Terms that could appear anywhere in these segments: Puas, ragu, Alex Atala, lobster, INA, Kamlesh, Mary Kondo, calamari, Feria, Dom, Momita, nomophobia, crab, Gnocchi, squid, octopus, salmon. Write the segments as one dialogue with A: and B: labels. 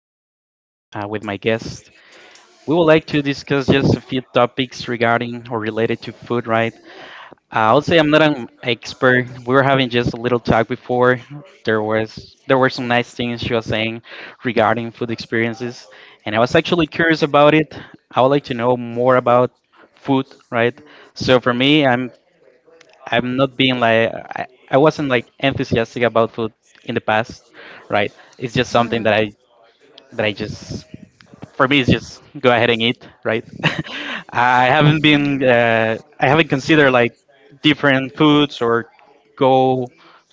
A: here I am with my guest. We would like to discuss just a few topics regarding or related to food, right? I'll say I'm not an expert. We were having just a little talk before. There were some nice things she was saying regarding food experiences, and I was actually curious about
B: It.
A: it. I would like to know more about food, right? So for me, I'm not being like I wasn't like enthusiastic about food in the past, right? It's just something that I just for me it's just go ahead and eat, right? I haven't considered like different foods or go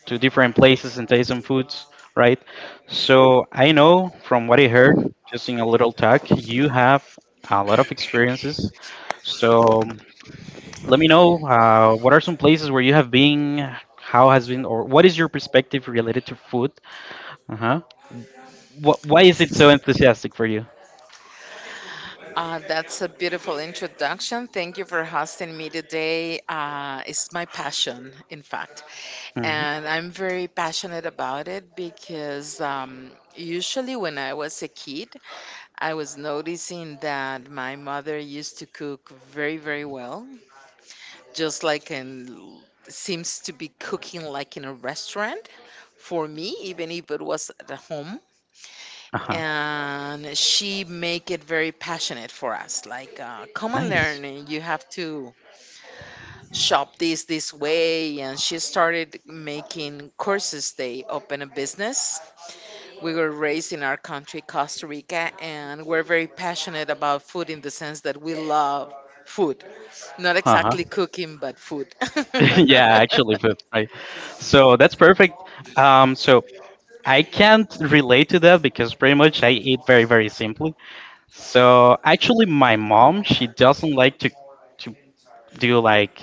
A: to different places and taste some foods, right? So I know from what I heard, just in a little talk, you have a lot of experiences. So let me know, what are some places where you have been, how has been, or what is your perspective related to food? Uh huh. Why is it so enthusiastic for you?
B: That's a beautiful introduction. Thank you for hosting me today. It's my passion, in fact.
A: Hmm.
B: And I'm very passionate about it because usually when I was a kid, I was noticing that my mother used to cook very, very well, just like in seems to be cooking like in a restaurant for me, even if it was at home.
A: Uh huh.
B: And she make it very passionate for us like come and
A: Nice.
B: learn, and you have to shop this way. And she started making courses, they open a business. We were raised in our country, Costa Rica, and we're very passionate about food in the sense that we love food, not
A: Uh huh.
B: exactly cooking but food.
A: Yeah, actually, food. Right. So that's perfect. So I can't relate to that because pretty much I eat very, very simply. So actually, my mom she doesn't like to do like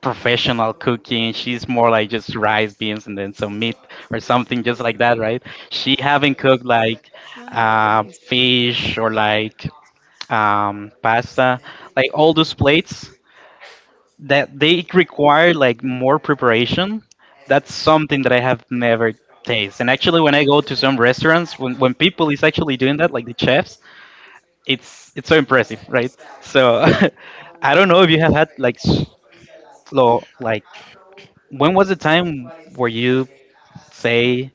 A: professional cooking. She's more like just rice, beans, and then some meat or something just like that, right? She haven't cooked like
B: Ah, nice.
A: fish or like pasta, like all those plates that they require like more preparation. That's something that I have never tasted. And actually, when I go to some restaurants, when people is actually doing that, like the chefs, it's so impressive, right? So I don't know if you have had like like when was the time where you say,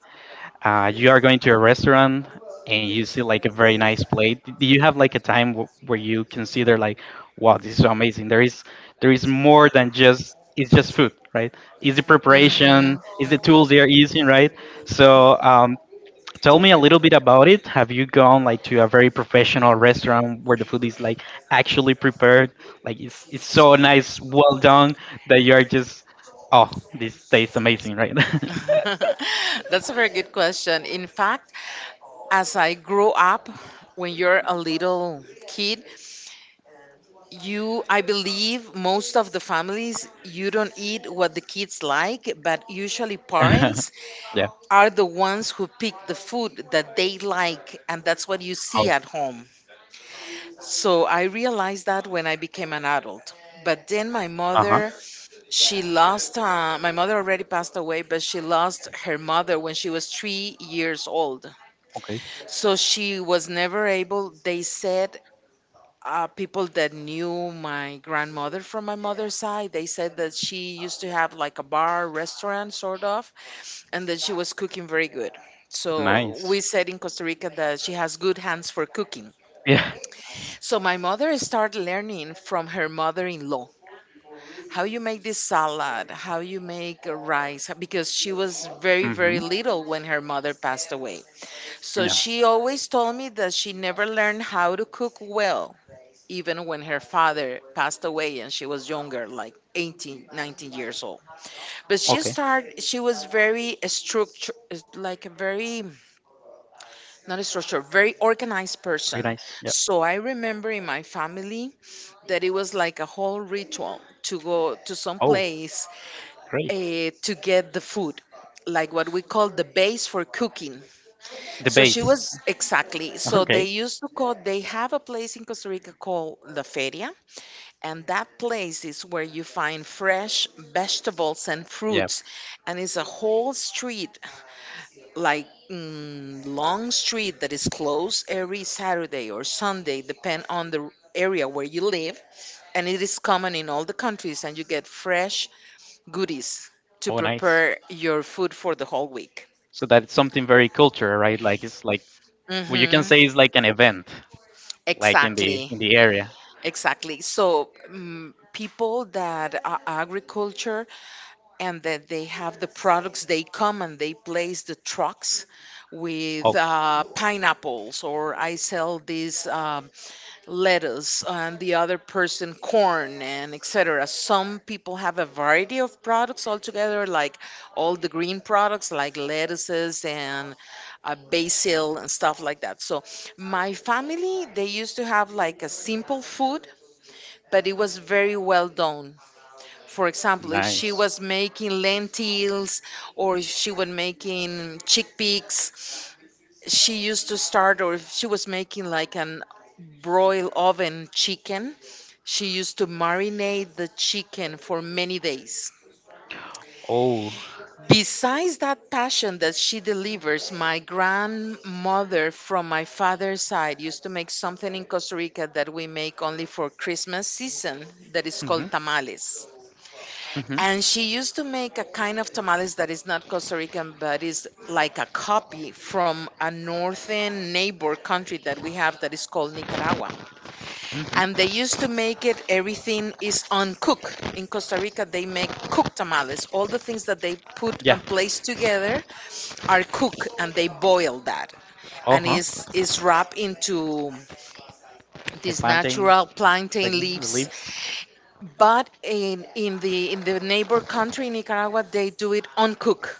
A: you are going to a restaurant and you see like a very nice plate? Do you have like a time where you consider like, wow, this is so amazing. There is more than just it's just food, right? Is the preparation,
B: Mhm,
A: is the tools they are using, right?
B: mhm.
A: So, tell me a little bit about it. Have you gone like to a very professional restaurant where the food is like actually prepared? Like it's so nice, well done that you are just oh, this tastes amazing, right?
B: That's a very good question. In fact, as I grow up, when you're a little kid, you I believe most of the families you don't eat what the kids like, but usually parents
A: Yeah.
B: are the ones who pick the food that they like, and that's what you
A: Oh.
B: see at home. So I realized that when I became an adult. But then my
A: Uh-huh.
B: mother, she lost, my mother already passed away, but she lost her mother when she was 3 years old.
A: Okay.
B: So she was never able, they said, people that knew my grandmother from my mother's side, they said that she used to have like a bar, restaurant, sort of, and that she was cooking very good. So
A: Nice.
B: we said in Costa Rica that she has good hands for cooking.
A: Yeah.
B: So my mother started learning from her mother-in-law how you make this salad, how you make a rice, because she was very, very
A: Mhm.
B: little when her mother passed away. So
A: Yeah.
B: she always told me that she never learned how to cook well, even when her father passed away and she was younger, like 18, 19 years old. But she
A: Okay.
B: started, she was very structured, like a very, not a structure, very organized
A: Very
B: person.
A: nice. Yeah.
B: So I remember in my family that it was like a whole ritual to go to some
A: Oh,
B: place,
A: great.
B: to get the food. Like what we call the base for cooking.
A: The
B: So she
A: base.
B: was exactly. So they
A: Okay.
B: used to call, they have a place in Costa Rica called La Feria. And that place is where you find fresh vegetables and
A: Yeah.
B: fruits. And it's a whole street, like long street that is closed every Saturday or Sunday, depend on the area where you live. And it is common in all the countries, and you get fresh goodies to
A: Oh, nice.
B: prepare your food for the whole week.
A: So that's something very cultural, right? Like it's like, well, you
B: Hmm.
A: can say it's like an event, like in the
B: Exactly.
A: in the area.
B: Exactly. So, people that are agriculture and that they have the products, they come and they place the trucks with
A: Oh,
B: pineapples, or I sell this, lettuce, and the other person corn, and etc. Some people have a variety of products altogether, like all the green products, like lettuces and basil and stuff like that. So, my family, they used to have like a simple food, but it was very well done. For example, if
A: nice.
B: she was making lentils, or if she was making chickpeas, she used to start, or if she was making like an broil oven chicken, she used to marinate the chicken for many days.
A: Oh.
B: Besides that passion that she delivers, my grandmother from my father's side used to make something in Costa Rica that we make only for Christmas season, that is called
A: Mhm.
B: tamales.
A: Mhm.
B: And she used to make a kind of tamales that is not Costa Rican, but is like a copy from a northern neighbor country that we have that is called Nicaragua. And they
A: Mhm.
B: used to make it, everything is on cook. In Costa Rica, they make cooked tamales. All the things that they put
A: Yeah.
B: and place together are cooked and they boil that.
A: Uh
B: And
A: huh.
B: is wrapped into
A: The
B: these
A: plantain,
B: natural
A: like
B: plantain
A: the
B: leaves,
A: leaves.
B: but in the neighbor country Nicaragua, they do it uncooked.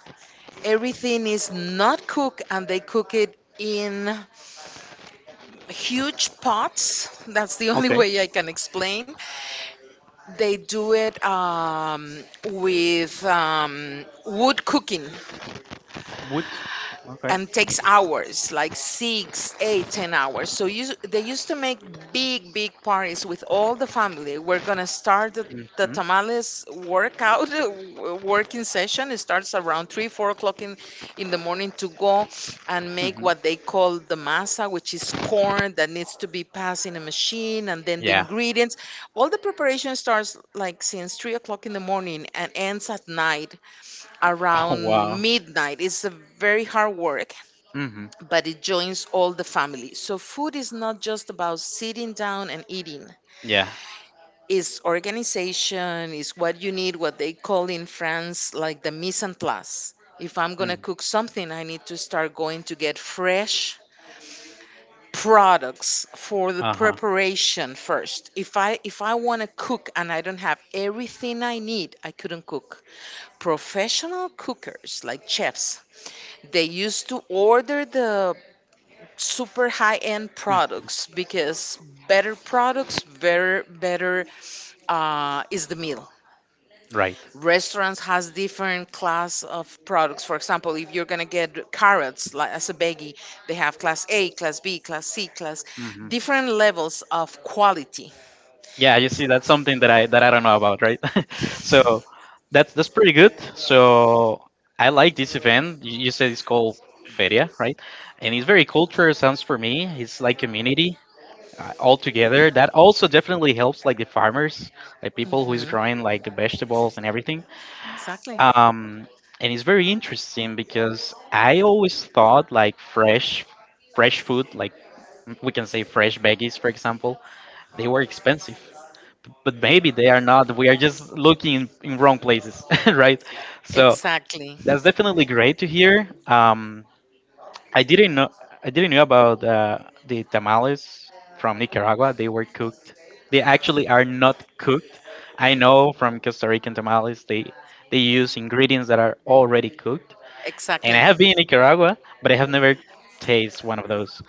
B: Everything is not cooked, and they cook it in huge pots. That's the only
A: Okay.
B: way I can explain. They do it with wood cooking.
A: Wood. Okay.
B: And takes hours, like 6, 8, 10 hours So you, they used to make big parties with all the family. We're gonna start the
A: Mhm.
B: tamales workout working session. It starts around 3, 4 o'clock in the morning to go and make
A: Mhm.
B: what they call the masa, which is corn that needs to be passed in a machine, and then the
A: Yeah.
B: ingredients. All the preparation starts like since 3 o'clock in the morning and ends at night
A: Oh, wow.
B: around midnight. It's a very hard work,
A: Hmm.
B: but it joins all the family. So food is not just about sitting down and eating.
A: Yeah.
B: It's organization, it's what you need, what they call in France like the mise en place. If I'm gonna
A: Mm.
B: cook something, I need to start going to get fresh products for the preparation first. If I wanna cook and I don't have everything I need, I couldn't cook. Professional cookers like chefs, they used to
A: Uh-huh.
B: order the super high end
A: Okay.
B: products, because better products, better, better, is the meal.
A: Right.
B: Restaurants has different class of products. For example, if you're gonna get carrots like as a veggie, they have class A, class B, class C, class,
A: Hmm.
B: different levels of quality.
A: Yeah, you see, that's something that I don't know about, right? So that's pretty good. So I like this event. You said it's called Feria, right? And it's very culture sounds for me. It's like community, altogether, that also definitely helps like the farmers, like people who is
B: Mhm.
A: growing like the vegetables and everything.
B: Exactly.
A: Um and it's very interesting because I always thought like fresh food, like, we can say fresh veggies for example, they were expensive, but maybe they are not, we are just looking in wrong places, right? So
B: Exactly.
A: that's definitely great to hear. Um I didn't know I didn't know about, the tamales from Nicaragua. They were cooked. They actually are not cooked. I know from Costa Rican tamales they use ingredients that are already cooked. And I
B: Exactly.
A: have been in Nicaragua, but I have never tasted one of those.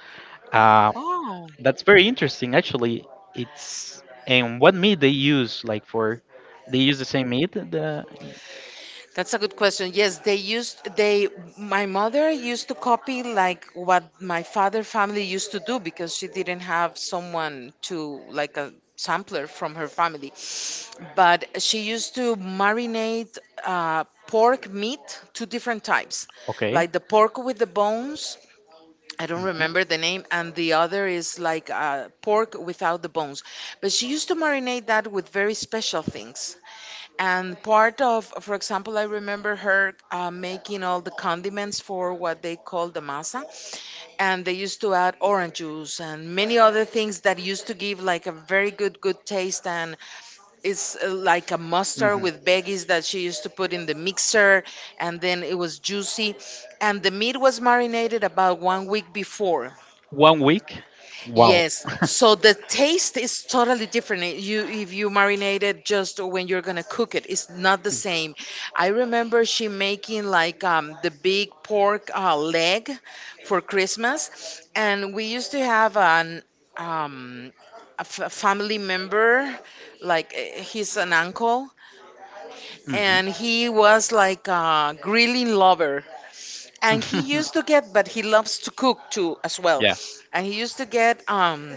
A: Uh,
B: Oh,
A: that's very interesting actually. It's, and what meat they use, like, for, they use the same meat, the
B: that's a good question. Yes, they used, they, my mother used to copy like what my father family used to do, because she didn't have someone to like a sampler from her family. But she used to marinate pork meat, two different types,
A: okay.
B: like the pork with the bones. I don't remember the
A: Mhm.
B: name, and the other is like pork without the bones. But she used to marinate that with very special things. And part of, for example, I remember her making all the condiments for what they call the masa, and they used to add orange juice and many other things that used to give like a very good, good taste. And it's like a mustard
A: Hmm.
B: with veggies that she used to put in the mixer, and then it was juicy. And the meat was marinated about 1 week before.
A: One week. Wow.
B: Yes. So the taste is totally different. It- You if you marinate it just when you're gonna cook it, it's not the same. I remember she making like the big pork leg for Christmas, and we used to have an um, a family member, like he's an uncle, and
A: Hmm.
B: he was like a grilling lover, and he used to get, but he loves to cook too as well,
A: Yeah,
B: and he used to get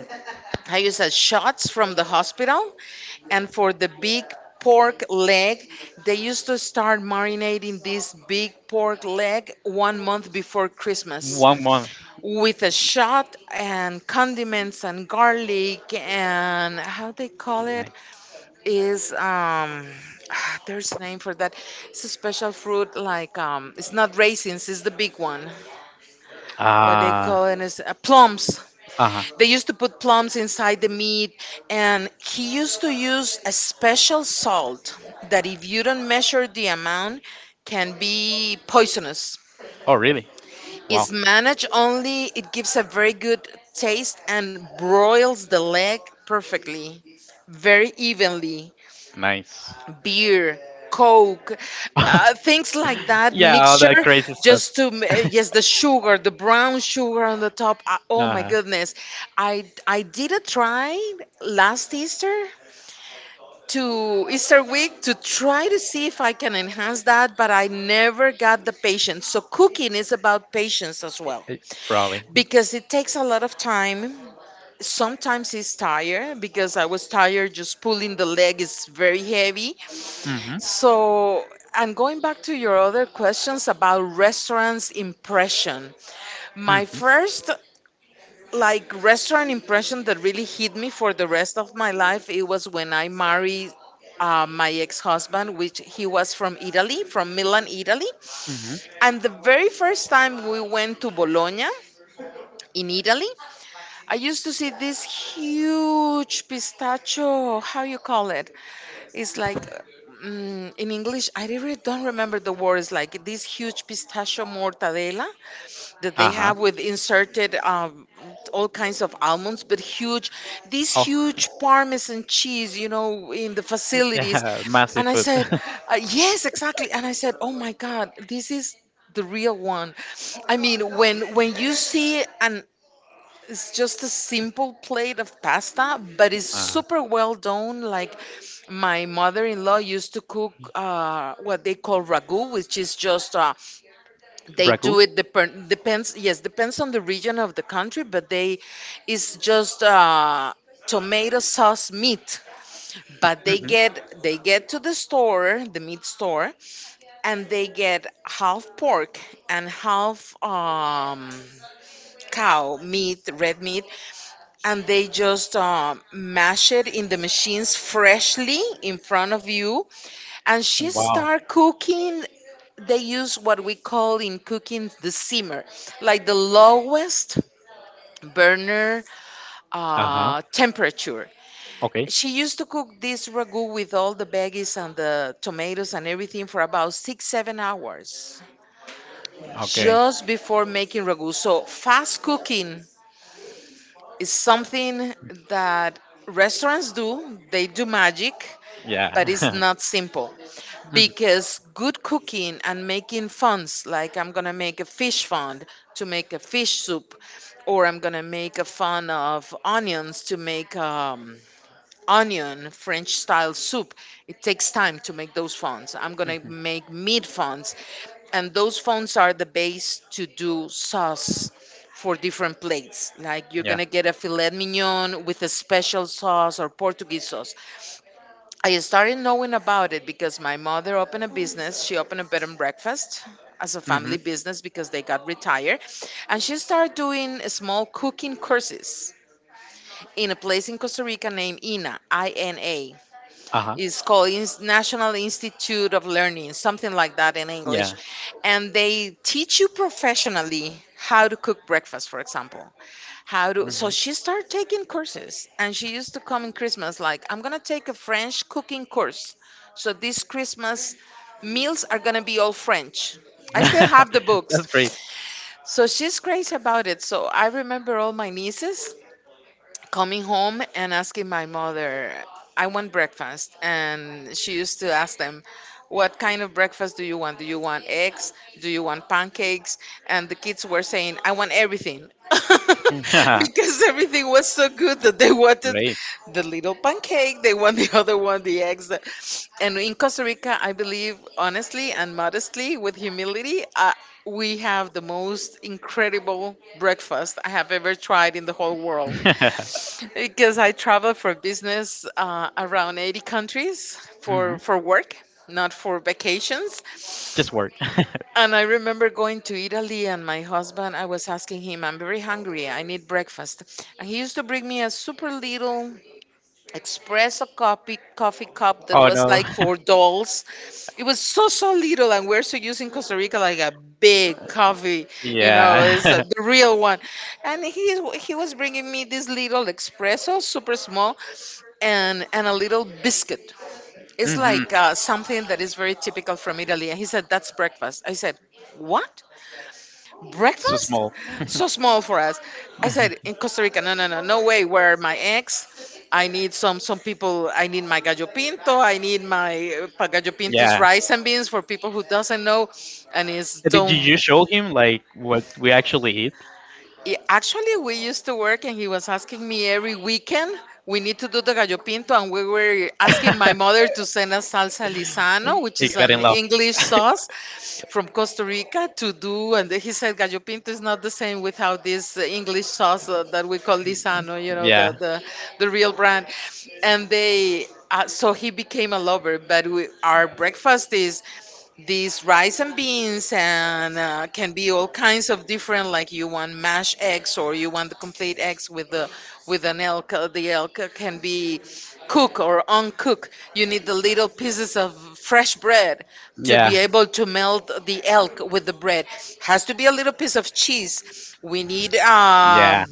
B: I use as shots from the hospital. And for the big pork leg, they used to start marinating this big pork leg 1 month before Christmas
A: one month.
B: with a shot and condiments and garlic, and how they call it
A: Nice.
B: is there's a name for that. It's a special fruit, like it's not raisins, it's the big one. What they
A: Ah.
B: call it is plums.
A: Uh huh.
B: They used to put plums inside the meat, and he used to use a special salt that, if you don't measure the amount, can be poisonous.
A: Oh, really? Wow,
B: It's managed only, it gives a very good taste and broils the leg perfectly, very evenly.
A: nice.
B: Beer, coke, things like that
A: Yeah, all
B: mixture,
A: that crazy stuff.
B: just to yes, the sugar, the brown sugar on the top. Oh
A: Uh
B: my
A: huh.
B: goodness. I did a try last Easter, to Easter week, to try to see if I can enhance that, but I never got the patience. So cooking is about patience as well,
A: Probably.
B: because it takes a lot of time. Sometimes it's tired, because I was tired just pulling the leg is very heavy.
A: Mm-hmm.
B: So, and going back to your other questions about restaurants impression, my
A: Mm-hmm.
B: first like restaurant impression that really hit me for the rest of my life, it was when I married my ex-husband, which he was from Italy, from Milan, Italy.
A: Mm-hmm.
B: And the very first time we went to Bologna in Italy, I used to see this huge pistachio. How you call it? It's like in English, I really don't remember the words. Like this huge pistachio mortadela that they
A: Uh huh.
B: have with inserted all kinds of almonds, but huge. This
A: Oh.
B: huge Parmesan cheese, you know, in the facilities.
A: Yeah,
B: And
A: massive
B: I
A: food.
B: said, yes, exactly. And I said, oh my God, this is the real one. I mean, when you see an, it's just a simple plate of pasta, but it's
A: uh,
B: super well done. Like my mother-in-law used to cook what they call ragu, which is just they
A: Ragu.
B: do it dep- depends. Yes, depends on the region of the country, but they, it's just tomato sauce meat. But they
A: Hmm.
B: get they get to the store, the meat store, and they get half pork and half cow meat, red meat, and they just mash it in the machines freshly in front of you and she
A: Wow.
B: start cooking. They use what we call in cooking the simmer, like the lowest burner
A: Uh huh.
B: temperature.
A: Okay.
B: She used to cook this ragu with all the veggies and the tomatoes and everything for about 6 7 hours.
A: Okay.
B: Just before making ragu so fast cooking. It's something that restaurants do, they do magic,
A: Yeah.
B: but it's not simple
A: Mhm.
B: because good cooking and making funds, like I'm gonna make a fish fund to make a fish soup, or I'm gonna make a fun of onions to make onion French style soup. It takes time to make those fonds. I'm gonna make meat fonds, and those fonds are the base to do sauce for different plates. Like
A: you
B: you're
A: Yeah.
B: gonna get a filet mignon with a special sauce or Portuguese sauce. I started knowing about it because my mother opened a business. She opened a bed and breakfast as a
A: Hmm.
B: family business because they got retired. And she started doing small cooking courses in a place in Costa Rica named INA, I N A.
A: Uh-huh.
B: It's called Ins- National Institute of Learning, something like that in English.
A: Yeah.
B: And they teach you professionally how to cook breakfast, for example. How to, so
A: Mhm.
B: she started taking courses and she used to come in Christmas like I'm gonna take a French cooking course. So this Christmas meals are gonna be all French. I still have the
A: That's great.
B: books. So she's crazy about it. So I remember all my nieces coming home and asking my mother, I want breakfast. And she used to ask them, what kind of breakfast do you want? Do you want eggs? Do you want pancakes? And the kids were saying, I want everything. Because everything was so good that they wanted
A: Great.
B: the little pancake, they want the other one, the eggs. And in Costa Rica, I believe honestly and modestly, with humility, we have the most incredible breakfast I have ever tried in the whole world. Because I travel for business around 80 countries
A: Mhm.
B: for work, not for vacations.
A: Just work.
B: And I remember going to Italy, and my husband, I was asking him, I'm very hungry, I need breakfast. And he used to bring me a super little espresso coffee cup that
A: Oh
B: was
A: no.
B: like for dolls. It was so so little, and we're so using Costa Rica like a big coffee, you know, is
A: Yeah.
B: the real one. And he was bringing me this little espresso, super small, and a little biscuit. It's
A: Hmm.
B: like something that is very typical from Italy. And he said that's breakfast. I said, what?
A: So
B: Breakfast
A: small.
B: so small for us. I said, in Costa Rica, no, no, no, no way. Where my eggs? I need some people, I need my gallo pinto. I need my gallo pinto's
A: Yeah.
B: rice and beans for people who doesn't know. And is
A: Did you
B: don't.
A: you show him like what we actually eat?
B: Yeah, actually, we used to work, and he was asking me every weekend, we need to do the gallo pinto, and we were asking my mother to send us salsa lisano, which
A: He
B: is
A: got in
B: an
A: love.
B: English sauce from Costa Rica, to do. And he said gallo pinto is not the same without this English sauce that we call lisano, you know,
A: Yeah.
B: the real brand. And they, so he became a lover. But we, our breakfast is these rice and beans and can be all kinds of different like you want mashed eggs or you want the complete eggs with the with an elk the elk can be cook or uncook. You need the little pieces of fresh bread to be
A: Yeah.
B: able to melt the elk with the bread. Has to be a little piece of cheese. We need
A: Yeah.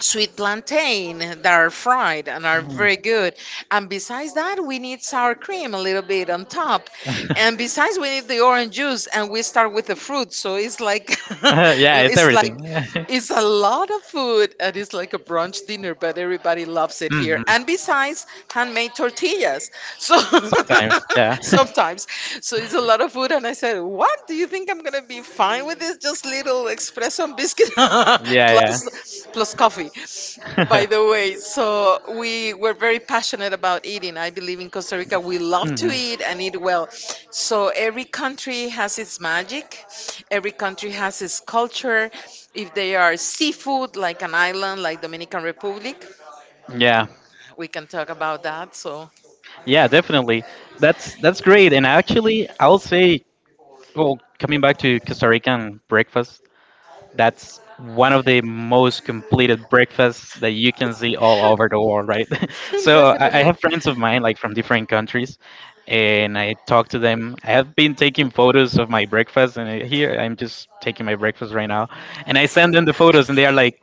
B: sweet plantain that are fried and are
A: Mm.
B: very good. And besides that, we need sour cream a little bit on top. And besides, we need the orange juice, and we start with the fruit. So it's like
A: Yeah, it's
B: it's like
A: everything.
B: it's a lot of food, and it's like a brunch dinner. But everybody loves it here.
A: Hmm.
B: And besides, handmade tortillas. So
A: Sometimes, yeah.
B: sometimes, so it's a lot of food, and I said, "What do you think I'm gonna be fine with this? Just little espresso and biscuit
A: Yeah, yeah.
B: plus coffee." By the way, so we were very passionate about eating. I believe in Costa Rica, we love to
A: Hmm.
B: eat and eat well. So every country has its magic. Every country has its culture. If they are seafood, like an island like Dominican Republic,
A: Yeah,
B: we can talk about that. So
A: yeah, definitely. That's great. And actually, I'll say, well, coming back to Costa Rican breakfast, that's one of the most completed breakfasts that you can see all over the world, right? So I
B: Definitely.
A: have friends of mine like from different countries, and I talk to them. I have been taking photos of my breakfast, and here I'm just taking my breakfast right now, and I send them the photos, and they are like,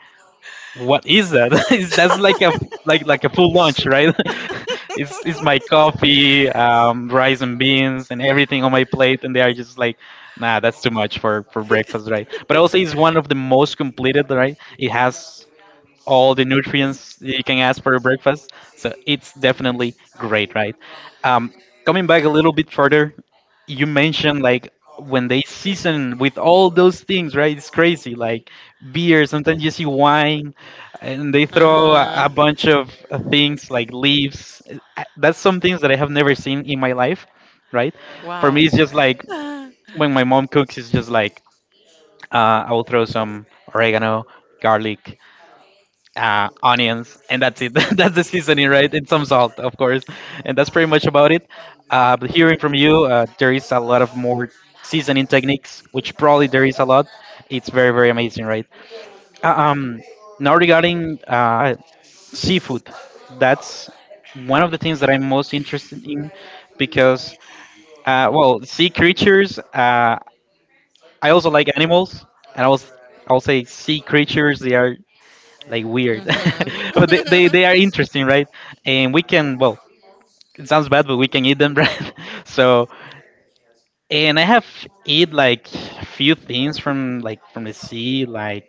A: what is that? Is That's like a, full lunch, right? It's my coffee, rice and beans, and everything on my plate, and they are just like, nah, that's too much for breakfast, right? But also, it's one of the most completed, right? It has all the nutrients you can ask for your breakfast. So it's definitely great, right? Um, Coming back a little bit further, you mentioned like when they season with all those things, right? It's crazy. Like beer, sometimes you see wine, and they throw a,
B: Uh,
A: a bunch of things like leaves. That's some things that I have never seen in my life, right?
B: For
A: For
B: wow.
A: me, it's just like
B: Like
A: when my mom cooks, it's just like, I will throw some oregano, garlic, onions, and that's it. That's the seasoning, right? And some salt, of course, and that's pretty much about it. But hearing from you, there is a lot of more seasoning techniques, which probably there is a lot. It's very very amazing, right? Uh, um, now regarding, seafood, that's one of the things that I'm most interested in because, well, sea creatures. I also like animals, and I'll say sea creatures. They are
B: hmm
A: like
B: they
A: weird,
B: are.
A: but they are interesting,
B: Mm-hmm.
A: right? And we can well, it sounds bad, but we can eat them, right? So, and I have eat like few things from, like, from the sea,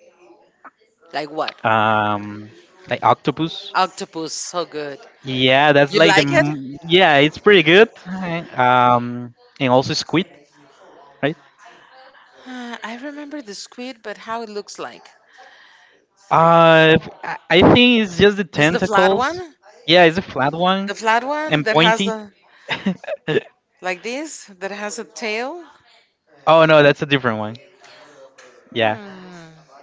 B: Like what?
A: um like octopus.
B: Octopus, so good. Yeah,
A: Yeah, that's
B: you
A: like,
B: like it?
A: yeah, it's pretty good. Um and also squid, right?
B: I remember the squid, but how it looks like.
A: uh I think it's just the
B: Is the flat
A: tentacles.
B: one?
A: Yeah, it's a flat one
B: The flat one
A: and
B: that has
A: pointy.
B: the like this that has a tail?
A: Oh no, that's a different one. Yeah.
B: Yeah. Hmm.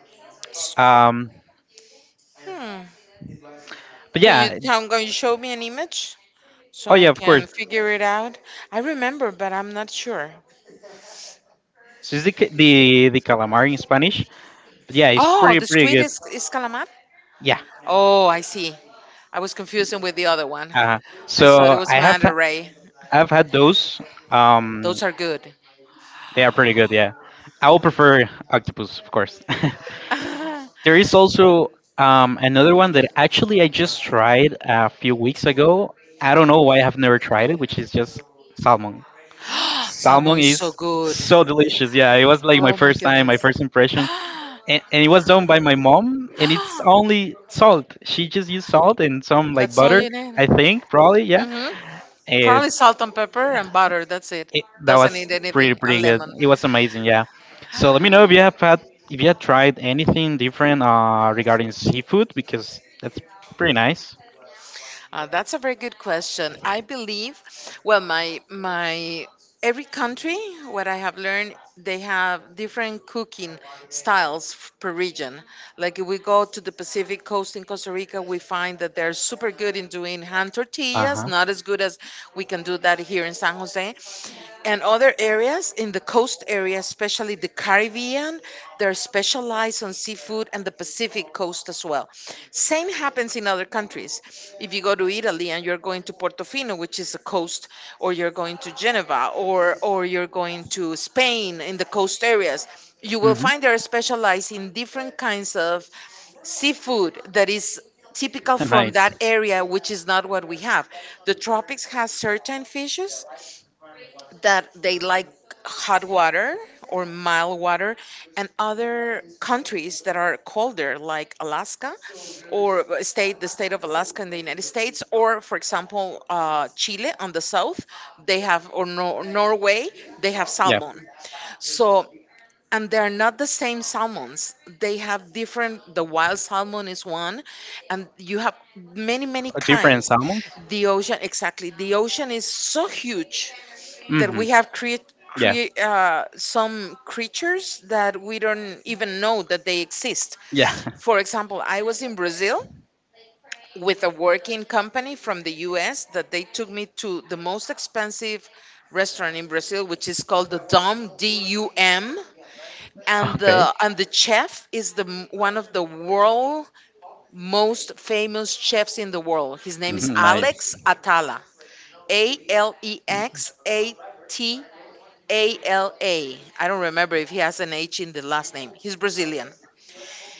A: Um,
B: Hmm.
A: but
B: Can you
A: yeah,
B: how going to show me an image so
A: oh yeah,
B: I
A: of course.
B: can figure it out? I remember, but I'm not sure.
A: So it's the calamari in Spanish. But yeah, it's
B: Oh,
A: pretty
B: the
A: pretty
B: squid
A: good.
B: is calamar.
A: Yeah.
B: Oh, I see. I was confusing with the other one.
A: Uh,
B: I thought it
A: so
B: was manta ray.
A: I've had those. Um,
B: Those are good.
A: they are pretty good. Yeah, I will prefer octopus, of course. There is also, another one that actually I just tried a few weeks ago. I don't know why I have never tried it, which is just salmon.
B: Salmon
A: Salmon
B: is so
A: is
B: good.
A: so delicious. Yeah, it was like my
B: Oh my
A: first time, my
B: goodness.
A: first impression. And it was done by my mom, and it's only salt, she just used salt and some like
B: That's all
A: butter.
B: you need.
A: I think probably, yeah.
B: Hmm.
A: it,
B: Probably salt and pepper and butter. That's it.
A: it That
B: Doesn't
A: was
B: need
A: pretty
B: anything, a
A: pretty good,
B: lemon.
A: it was amazing, yeah. So let me know if you have had if you have tried anything different regarding seafood because that's pretty nice.
B: That's a very good question. I believe, well, my every country, what I have learned, they have different cooking styles per region. Like if we go to the Pacific Coast in Costa Rica, we find that they're super good in doing hand tortillas,
A: Uh-huh.
B: not as good as we can do that here in San Jose and other areas in the coast area, especially the Caribbean. They're specialized on seafood and the Pacific coast as well. Same happens in other countries. If you go to Italy and you're going to Portofino, which is the coast, or you're going to Geneva, or you're going to Spain in the coast areas, you will
A: Hmm.
B: find they're specialized in different kinds of seafood that is typical from
A: Nice.
B: that area, which is not what we have. The tropics has certain fishes, that they like hot water or mild water, and other countries that are colder like Alaska, or state of Alaska in the United States, or for example Chile on the south, they have, or Norway, they have
A: Yeah,
B: salmon. So, and they're not the same salmons, they have different, the wild salmon is one, and you have many
A: different
B: kinds.
A: salmons.
B: The ocean, exactly, the ocean is so huge that
A: Mm-hmm.
B: we have create
A: Yeah,
B: create some creatures that we don't even know that they exist.
A: yeah.
B: For example, I was in Brazil with a working company from the U.S. that they took me to the most expensive restaurant in Brazil, which is called the Dom, DUM. And
A: Okay.
B: the chef is one of the world most famous chefs in the world. His name is
A: Mhm. Nice.
B: Alex Atala. Alex Atala. ALA. I don't remember if he has an H in the last name. He's Brazilian.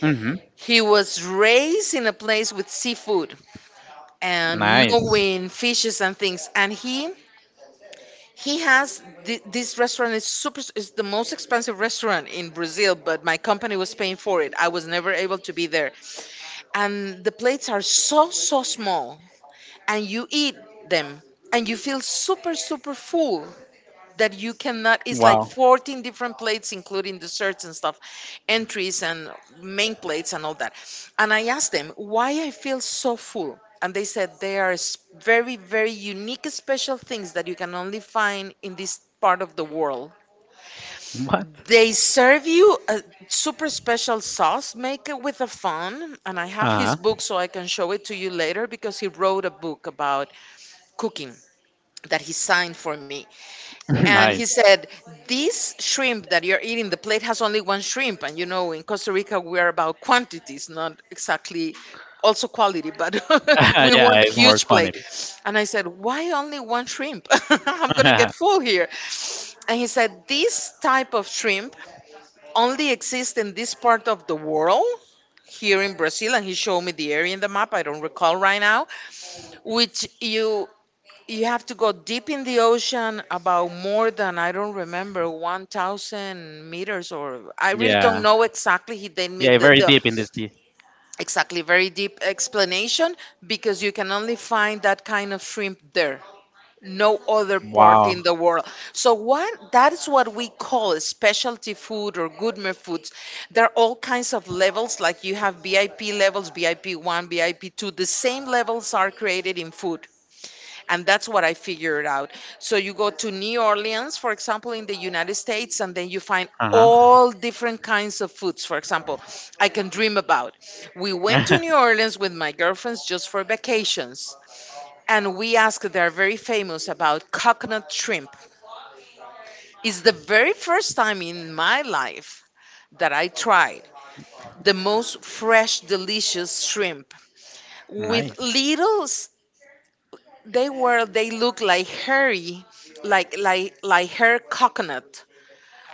A: Hmm.
B: He was raised in a place with seafood and
A: Nice.
B: knowing fishes and things. And he has this restaurant is super, is the most expensive restaurant in Brazil, but my company was paying for it. I was never able to be there. And the plates are so so small and you eat them and you feel super super full that you cannot, it's like
A: Wow.
B: 14 different plates including desserts and stuff, entries and main plates and all that. And I asked them why I feel so full and they said they are very very unique special things that you can only find in this part of the world.
A: What?
B: They serve you a super special sauce make it with a fun, and I have his
A: Uh-huh.
B: book so I can show it to you later because he wrote a book about cooking that he signed for me. And he
A: Nice.
B: said, this shrimp that you're eating, the plate has only one shrimp. And you know, in Costa Rica, we are about quantities, not exactly also quality, but we
A: Yeah,
B: want the
A: it's more
B: huge plate.
A: quantity.
B: And I said, why only one shrimp? I'm going to get full here. And he said, this type of shrimp only exists in this part of the world. Here in Brazil, and he showed me the area in the map. I don't recall right now, which you have to go deep in the ocean about more than I don't remember 1000 meters or I really don't
A: Yeah.
B: know exactly he didn't
A: Yeah,
B: meet the,
A: very
B: the
A: deep in the sea.
B: exactly very deep explanation because you can only find that kind of shrimp there, no other part
A: Wow.
B: in the world. So what that is what we call specialty food or gourmet foods. There are all kinds of levels, like you have VIP levels, VIP 1, VIP 2. The same levels are created in food, and that's what I figured out. So you go to New Orleans, for example, in the United States, and then you find
A: Uh huh.
B: all different kinds of foods, for example, I can dream about. We went to New Orleans with my girlfriends just for vacations, and we asked, they're very famous about coconut shrimp. It's the very first time in my life that I tried the most fresh, delicious shrimp with
A: Nice.
B: little. They were, they look like hairy, like hair coconut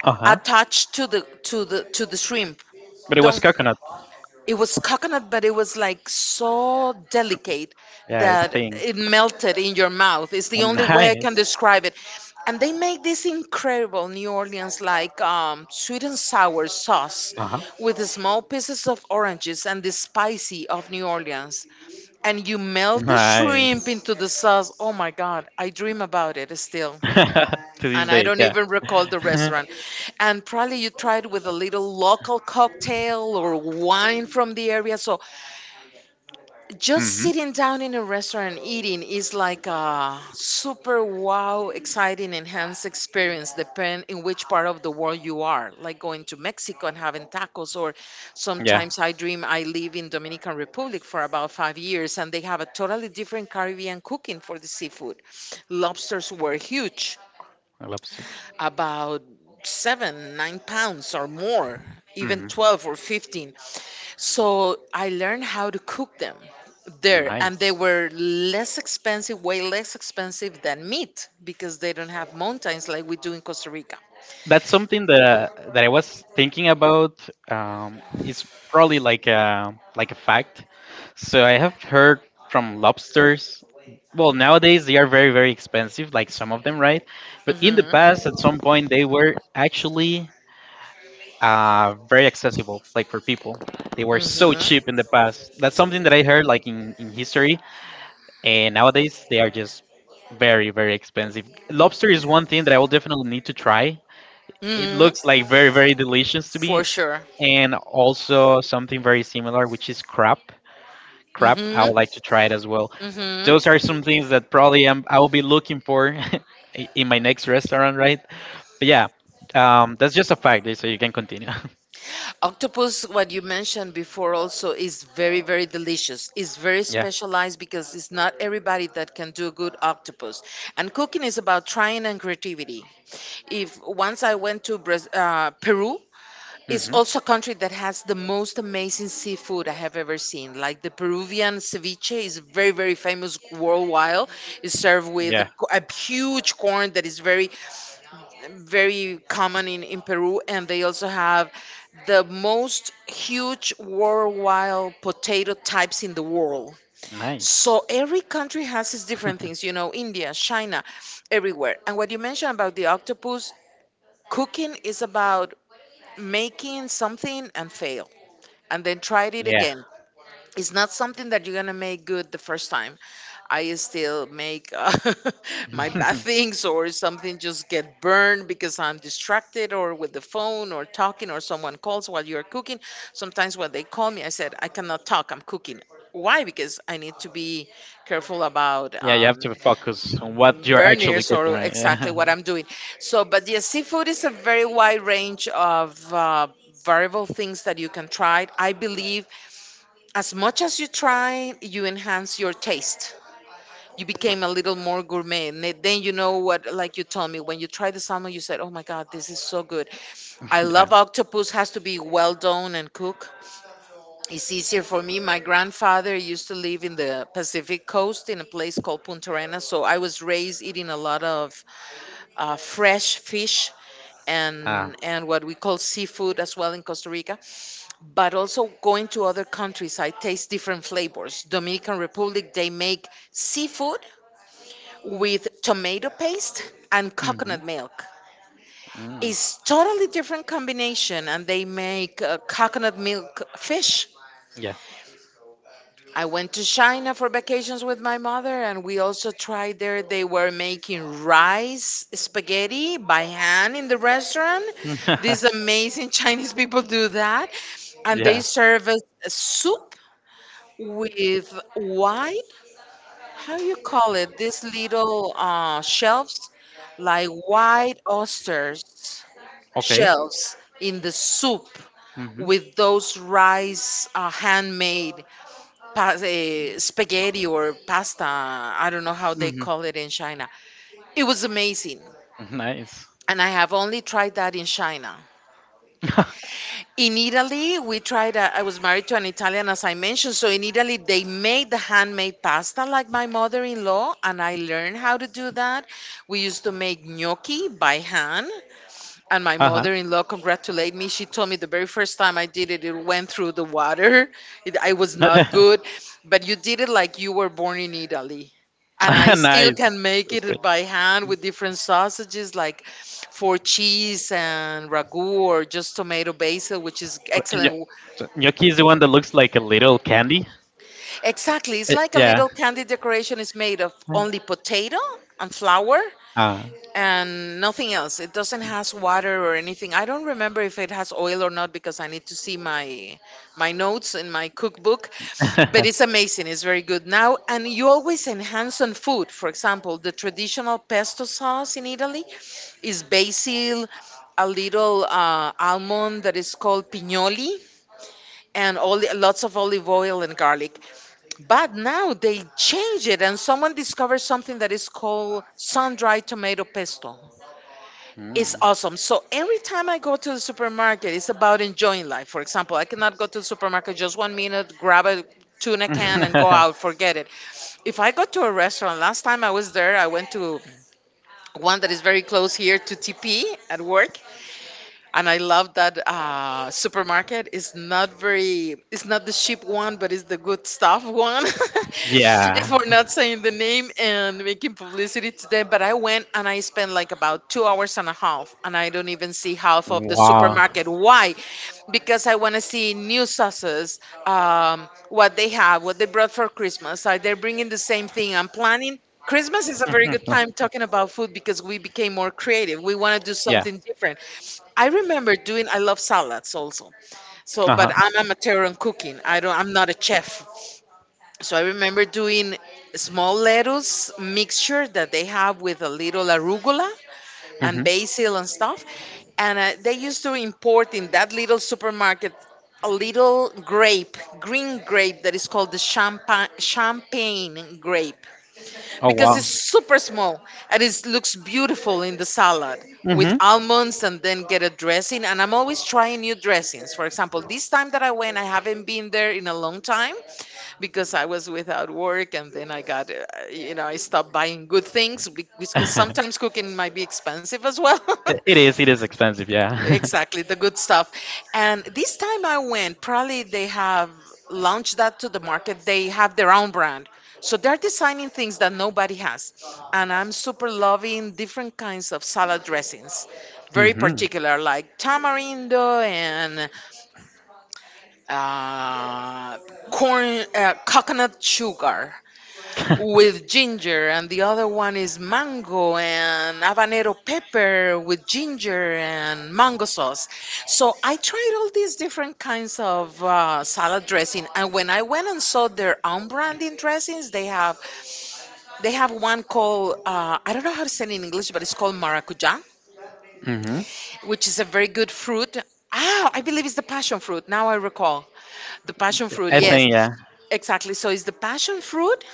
A: Uh huh.
B: attached to the to the shrimp.
A: But it was
B: Don't,
A: coconut.
B: it was coconut, but it was like so delicate
A: Yeah, it's
B: that
A: thing.
B: it melted in your mouth. It's
A: Oh,
B: the only way I can
A: nice.
B: describe it. And they make this incredible New Orleans like sweet and sour sauce
A: Uh huh.
B: with small pieces of oranges and the spicy of New Orleans. And you melt the
A: Nice.
B: shrimp into the sauce. Oh my God, I dream about it still.
A: To this
B: And I
A: day,
B: don't
A: yeah.
B: even recall the restaurant. And probably you tried with a little local cocktail or wine from the area. So just
A: Hmm.
B: sitting down in a restaurant and eating is like a super wow, exciting, enhanced experience, depending in which part of the world you are. Like going to Mexico and having tacos, or
A: Yeah,
B: sometimes I dream. I live in Dominican Republic for about 5 years, and they have a totally different Caribbean cooking for the seafood. Lobsters were huge,
A: lobsters.
B: about 7, 9 pounds or more, even
A: Hmm.
B: 12 or 15. So I learned how to cook them there, and they
A: Nice.
B: were less expensive, way less expensive than meat because they don't have mountains like we do in Costa Rica.
A: That's something that I was thinking about. Is probably like a fact. So I have heard from lobsters. Well, nowadays they are very very expensive, like some of them, right?
B: Hmm
A: But in the past, at some
B: hmm
A: point, they were actually, very accessible, like for people. They were so cheap in the past. That's something that I heard, like, in history. And nowadays they are just very very expensive. Lobster is one thing that I will definitely need to try, it looks like very, very delicious to me.
B: For sure.
A: And also something very similar, which is crab. Crab, I
B: hmm
A: would like to try it as well.
B: hmm
A: Those are some things that probably I will be looking for in my next restaurant, right? But yeah, that's just a fact, so you can continue.
B: Octopus, what you mentioned before, also is very, very delicious. It's very
A: Yeah.
B: specialized because it's not everybody that can do good octopus. And cooking is about trying and creativity. If once I went to Peru, it's
A: Hmm.
B: also a country that has the most amazing seafood I have ever seen. Like the Peruvian ceviche is very, very famous worldwide. It's served with a,
A: Yeah,
B: a huge corn that is very very common in Peru, and they also have the most huge worldwide potato types in the world.
A: nice.
B: So every country has its different things, you know, India, China, everywhere. And what you mentioned about the octopus, cooking is about making something and fail and then try it
A: Yeah.
B: again. It's not something that you're gonna make good the first time. I still make my bad things or something just get burned because I'm distracted or with the phone or talking or someone calls while you're cooking. Sometimes when they call me, I said, I cannot talk, I'm cooking. Why? Because I need to be careful about
A: Yeah, you have to focus on what you're actually
B: burners
A: cooking,
B: or
A: right?
B: exactly
A: Yeah.
B: what I'm doing. So, but yes, seafood is a very wide range of variable things that you can try. I believe as much as you try, you enhance your taste, you became a little more gourmet, and then you know what, like you told me when you tried the salmon, you said, oh my god, this is so good. I
A: Yeah.
B: love octopus, has to be well done and cooked. It's easier for me. My grandfather used to live in the Pacific coast in a place called Punta Arenas, so I was raised eating a lot of fresh fish
A: Ah.
B: and what we call seafood as well in Costa Rica, but also going to other countries, I taste different flavors. Dominican Republic, they make seafood with tomato paste and
A: Hmm.
B: coconut milk.
A: Mm,
B: It's totally different combination, and they make coconut milk fish.
A: yeah.
B: I went to China for vacations with my mother, and we also tried there. They were making rice spaghetti by hand in the restaurant. These amazing Chinese people do that, and they
A: Yeah.
B: serve us a soup with white, how you call it, these little shelves, like white oysters,
A: Okay.
B: shelves in the soup
A: Hmm.
B: with those rice handmade spaghetti or pasta, I don't know how they
A: Hmm.
B: call it in China. It was amazing,
A: Nice.
B: and I have only tried that in China. In Italy, we tried. A, I was married to an Italian, as I mentioned. So in Italy, they made the handmade pasta like my mother in law, and I learned how to do that. We used to make gnocchi by hand, and my
A: Uh-huh.
B: mother-in-law congratulated me. She told me the very first time I did it, it went through the water. It, I was not good, but you did it like you were born in Italy. And I still
A: Nice.
B: can make
A: That's great.
B: it by hand with different sausages, like for cheese and ragu or just tomato basil, which is
A: Uh, gno-
B: excellent.
A: so Gnocchi is the one that looks like a little candy.
B: Exactly, it's like a
A: Yeah.
B: little candy decoration, is made of only potato and flour
A: Ah.
B: and nothing else. It doesn't has water or anything. I don't remember if it has oil or not because I need to see my my notes in my cookbook. But it's amazing. It's very good now, and you always enhance on food. For example, the traditional pesto sauce in Italy is basil, a little almond that is called pignoli, and all lots of olive oil and garlic, but now they change it, and someone discovered something that is called sun-dried tomato pesto. It's
A: Mm.
B: awesome. So every time I go to the supermarket, it's about enjoying life. For example, I cannot go to the supermarket just 1 minute, grab a tuna can and go out, forget it. If I go to a restaurant, last time I was there, I went to one that is very close here to TP at work, and I love that supermarket. Is not very, it's not the cheap one, but it's the good stuff one.
A: Yeah.
B: For not saying the name and making publicity to them, but I went and I spent like about 2 hours and a half, and I don't even see half of the
A: Wow.
B: supermarket. Why? Because I want to see new sauces, what they have, what they brought for Christmas. Are they bringing the same thing? I'm planning. Christmas is a very good time talking about food because we became more creative. We want to do
A: Yeah.
B: something different. I remember doing. I love salads also. So,
A: Uh
B: but
A: huh.
B: I'm amateur in cooking. I don't. I'm not a chef. So I remember doing small lettuce mixture that they have with a little arugula and
A: Hmm.
B: basil and stuff. And they used to import in that little supermarket a little grape, green grape that is called the champagne grape
A: Oh
B: because
A: wow.
B: it's super small and it looks beautiful in the salad with
A: Hmm.
B: almonds and then get a dressing. And I'm always trying new dressings. For example, this time that I went, I haven't been there in a long time because I was without work and then I got you know, I stopped buying good things because sometimes cooking might be expensive as well.
A: It is. It is expensive. Yeah.
B: Exactly, the good stuff. And this time I went, probably they have launched that to the market. They have their own brand. So they're designing things that nobody has. And I'm super loving different kinds of salad dressings, very
A: Hmm.
B: particular, like tamarindo and uh, corn, coconut sugar with ginger, and the other one is mango and habanero pepper with ginger and mango sauce. So I tried all these different kinds of salad dressing, and when I went and saw their own branding dressings, they have one called I don't know how to say it in English, but it's called maracuja,
A: Hmm.
B: which is a very good fruit. Ah, I believe it's the passion fruit. Now I recall the passion fruit.
A: I
B: Yes,
A: think yeah.
B: exactly. So it's the passion fruit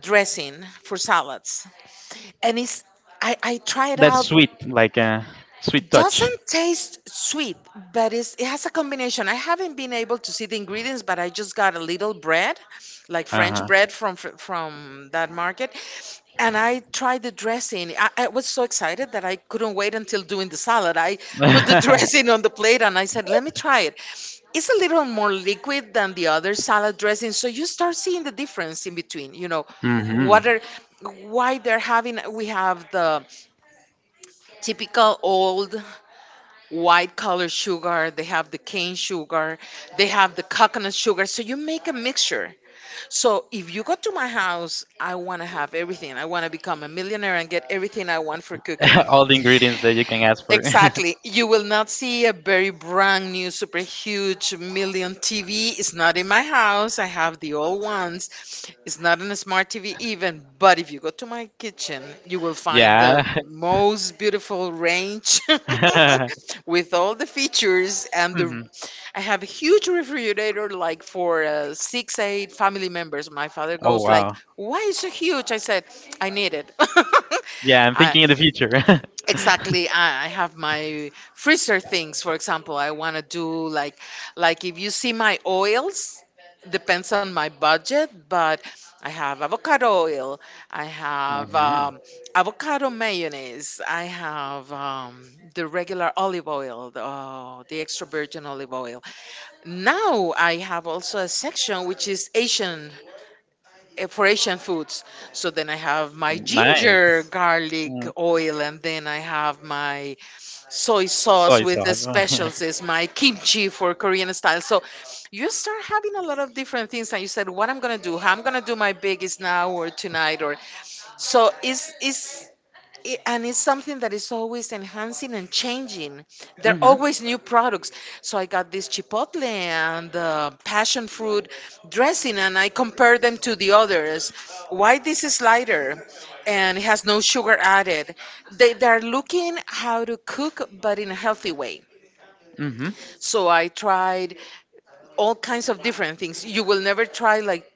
B: dressing for salads. And it's, I try it
A: That's
B: out.
A: sweet, like a sweet
B: It
A: touch.
B: doesn't taste sweet, but it's, it has a combination. I haven't been able to see the ingredients, but I just got a little bread, like
A: Uh
B: French
A: huh.
B: bread from from that market, and I tried the dressing. I was so excited that I couldn't wait until doing the salad. I put the dressing on the plate and I said, "Let me try it." It's a little more liquid than the other salad dressing, so you start seeing the difference in between. You know,
A: Hmm.
B: what are, why they're having. We have the typical old white color sugar, they have the cane sugar, they have the coconut sugar, so you make a mixture. So if you go to my house, I want to have everything, I want to become a millionaire and get everything I want for cooking.
A: All the ingredients that you can ask for.
B: Exactly. You will not see a very brand new, super huge million TV. It's not in my house. I have the old ones. It's not in a smart TV even. But if you go to my kitchen, you will find the
A: Yeah.
B: most beautiful range with all the features and the
A: Hmm.
B: I have a huge refrigerator, like for six, eight family members. My father
A: Oh
B: goes like,
A: wow.
B: "Why is so huge?" I said, "I need it."
A: Yeah, I'm
B: I,
A: thinking in the future.
B: I have my freezer things. For example, I want to do like if you see my oils, depends on my budget. But I have avocado oil, I have
A: Mhm.
B: avocado mayonnaise, I have the regular olive oil, the extra virgin olive oil. Now I have also a section which is Asian, for Asian foods. So then I have my ginger
A: Nice.
B: garlic
A: Mm.
B: oil, and then I have my soy sauce
A: Soy
B: with the
A: sauce.
B: specialties, my kimchi for Korean style. So you start having a lot of different things, and you said, "What I'm gonna do? How I'm gonna do my biggest now or tonight?" Or so is I- And it's something that is always enhancing and changing. There are
A: Hmm.
B: always new products. So I got this chipotle and the passion fruit dressing, and I compare them to the others. Why this is lighter and it has no sugar added? They're looking how to cook, but in a healthy way.
A: Hmm.
B: So I tried all kinds of different things. You will never try like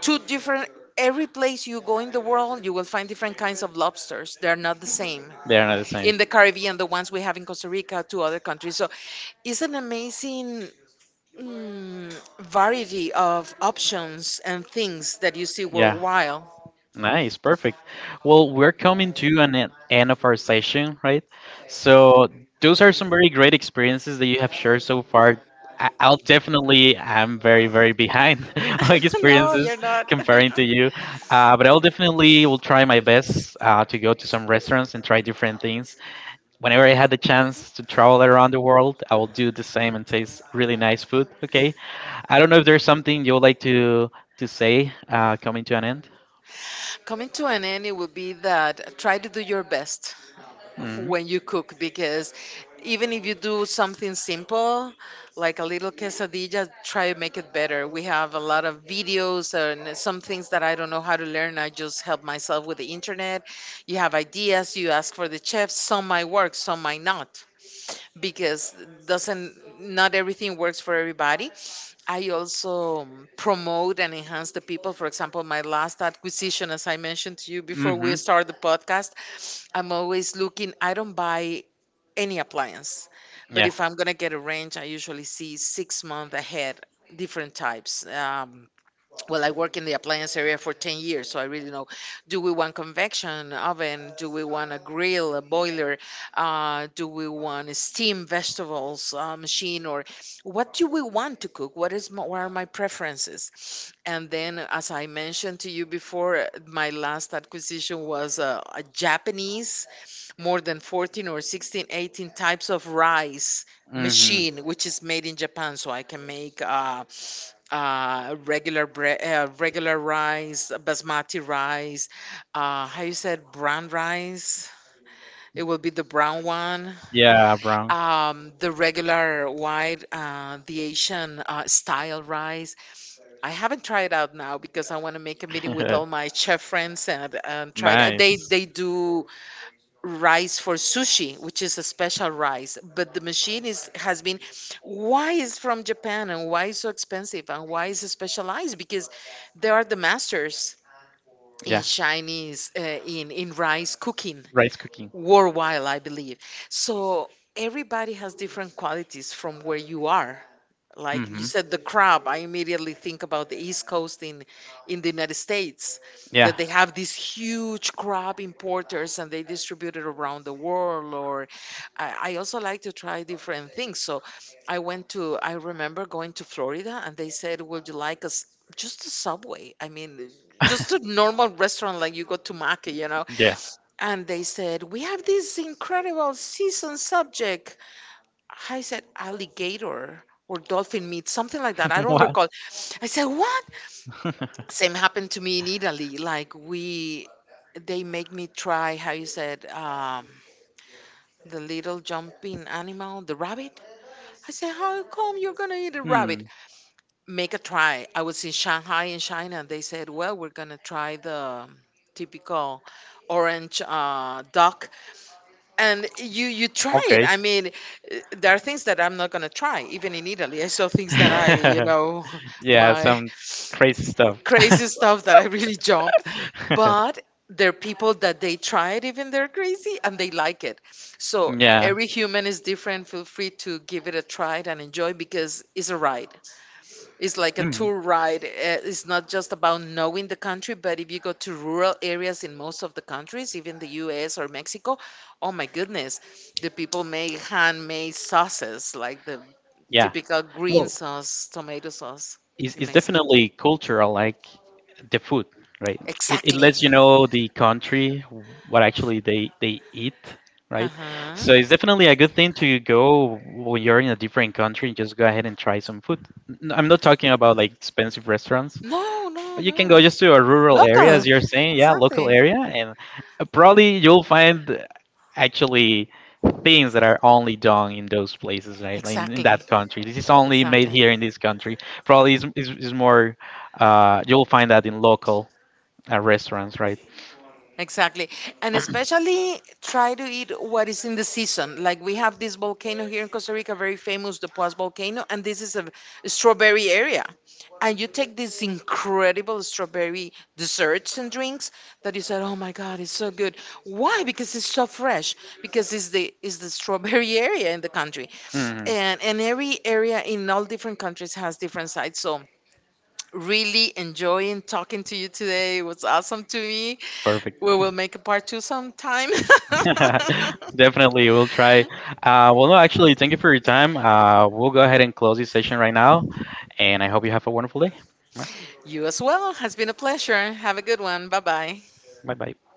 B: two different. Every place you go in the world, you will find different kinds of lobsters. They're not the same
A: They are not the
B: in
A: same.
B: the Caribbean, the ones we have in Costa Rica, to other countries. So it's an amazing, mm, variety of options and things that you see
A: Yeah.
B: worldwide.
A: Nice, perfect. Well, we're coming to an end of our session, right? So those are some very great experiences that you have shared so far. I'll definitely, I'm very, very behind on
B: No,
A: experiences
B: you're not.
A: comparing to you, but I'll definitely will try my best to go to some restaurants and try different things. Whenever I had the chance to travel around the world, I will do the same and taste really nice food. Okay. I don't know if there's something you would like to say, coming to an end.
B: Coming to an end, it would be that try to do your best.
A: Mhm.
B: When you cook, because even if you do something simple like a little quesadilla, try to make it better. We have a lot of videos and some things that I don't know how to learn, I just help myself with the internet. You have ideas, you ask for the chefs, some might work, some might not. Because doesn't Not everything works for everybody. I also promote and enhance the people. For example, my last acquisition, as I mentioned to you before
A: Mm-hmm.
B: we start the podcast, I'm always looking. I don't buy any appliance, but
A: Yeah.
B: if I'm gonna
A: I
B: get a range, I usually see 6 months ahead different types. Well, I work in the appliance area for 10 years, so I really know. Do we want convection oven? Do we want a grill, a boiler? Do we want a steam vegetables machine? Or what do we want to cook? What are my preferences? And then, as I mentioned to you before, my last acquisition was a Japanese, more than 14 or 16, 18 types of rice
A: Mm-hmm.
B: machine, which is made in Japan, so I can make regular regular rice, basmati rice, how you said, brown rice. It will be the brown one,
A: Yeah, brown.
B: the regular white, the Asian style rice. I haven't tried out now because I want to make a meeting with all my chef friends and try it. They
A: Nice.
B: they do rice for sushi, which is a special rice. But the machine is has been, why is from Japan and why is so expensive and why is it specialized? Because they are the masters in
A: Yeah.
B: Chinese in rice cooking
A: Rice cooking.
B: worldwide, I believe. So everybody has different qualities from where you are, like you
A: Mm-hmm.
B: said, the crab. I immediately think about the East Coast in the United States,
A: Yeah.
B: that they have these huge crab importers and they distribute it around the world. Or I also like to try different things. So I went to. I remember going to Florida, and they said, "Would you like us just a Subway? I mean." Just a normal restaurant, like you go to Mackey, you know, and they said, we have this incredible season subject. I said, alligator or dolphin meat, something like that. I don't
A: What?
B: recall. I said, what? Same happened to me in Italy. They make me try, how you said, the little jumping animal, the rabbit. I said, how come you're going to eat a rabbit?
A: Hmm.
B: Make a try. I was in Shanghai in China. They said, well, we're going to try the um, typical orange duck. And you try it,
A: Okay.
B: I mean, there are things that I'm not going to try. Even in Italy, I saw things that i you know
A: Yeah,
B: my
A: some crazy stuff.
B: Crazy stuff that I really jump. But there are people that they try it, even they're crazy and they like it. So
A: Yeah.
B: every human is different. Feel free to give it a try and enjoy, because it's a ride. It's like a
A: Mhm.
B: tour ride. It's not just about knowing the country, but if you go to rural areas in most of the countries, even the US or Mexico, oh my goodness, the people make handmade sauces, like the
A: Yeah.
B: typical green
A: Well,
B: sauce, tomato sauce
A: It's,
B: in
A: it's
B: Mexico.
A: definitely cultural, like the food, right? It
B: Exactly.
A: lets you know the country, what actually they eat, right?
B: Uh-huh.
A: So it's definitely a good thing to go when you're in a different country and just go ahead and try some food. I'm not talking about like expensive restaurants.
B: No, no,
A: You can go
B: no.
A: just to a rural area,
B: Local.
A: as you're saying, yeah, local
B: Exactly.
A: area, and probably you'll find, actually things that are only done in those places, right? Like in
B: Exactly.
A: that country. This is only made
B: Exactly.
A: here in this country. Probably is more, you'll find that in local restaurants, right?
B: Exactly. And especially try to eat what is in the season. Like we have this volcano here in Costa Rica, very famous, the Puas volcano, and this is a strawberry area. And you take these incredible strawberry desserts and drinks that you said, "Oh my God, it's so good." Why? Because it's so fresh. Because it's the strawberry area in the country.
A: Mhm.
B: And every area in all different countries has different sides. So really enjoying talking to you today. It was awesome to me.
A: Perfect.
B: We will make a part two sometime.
A: Definitely, we'll try. Well, no, actually, thank you for your time. We'll go ahead and close this session right now, and I hope you have a wonderful day.
B: You as well. Has been a pleasure. Have a good one. Bye bye.
A: Bye bye.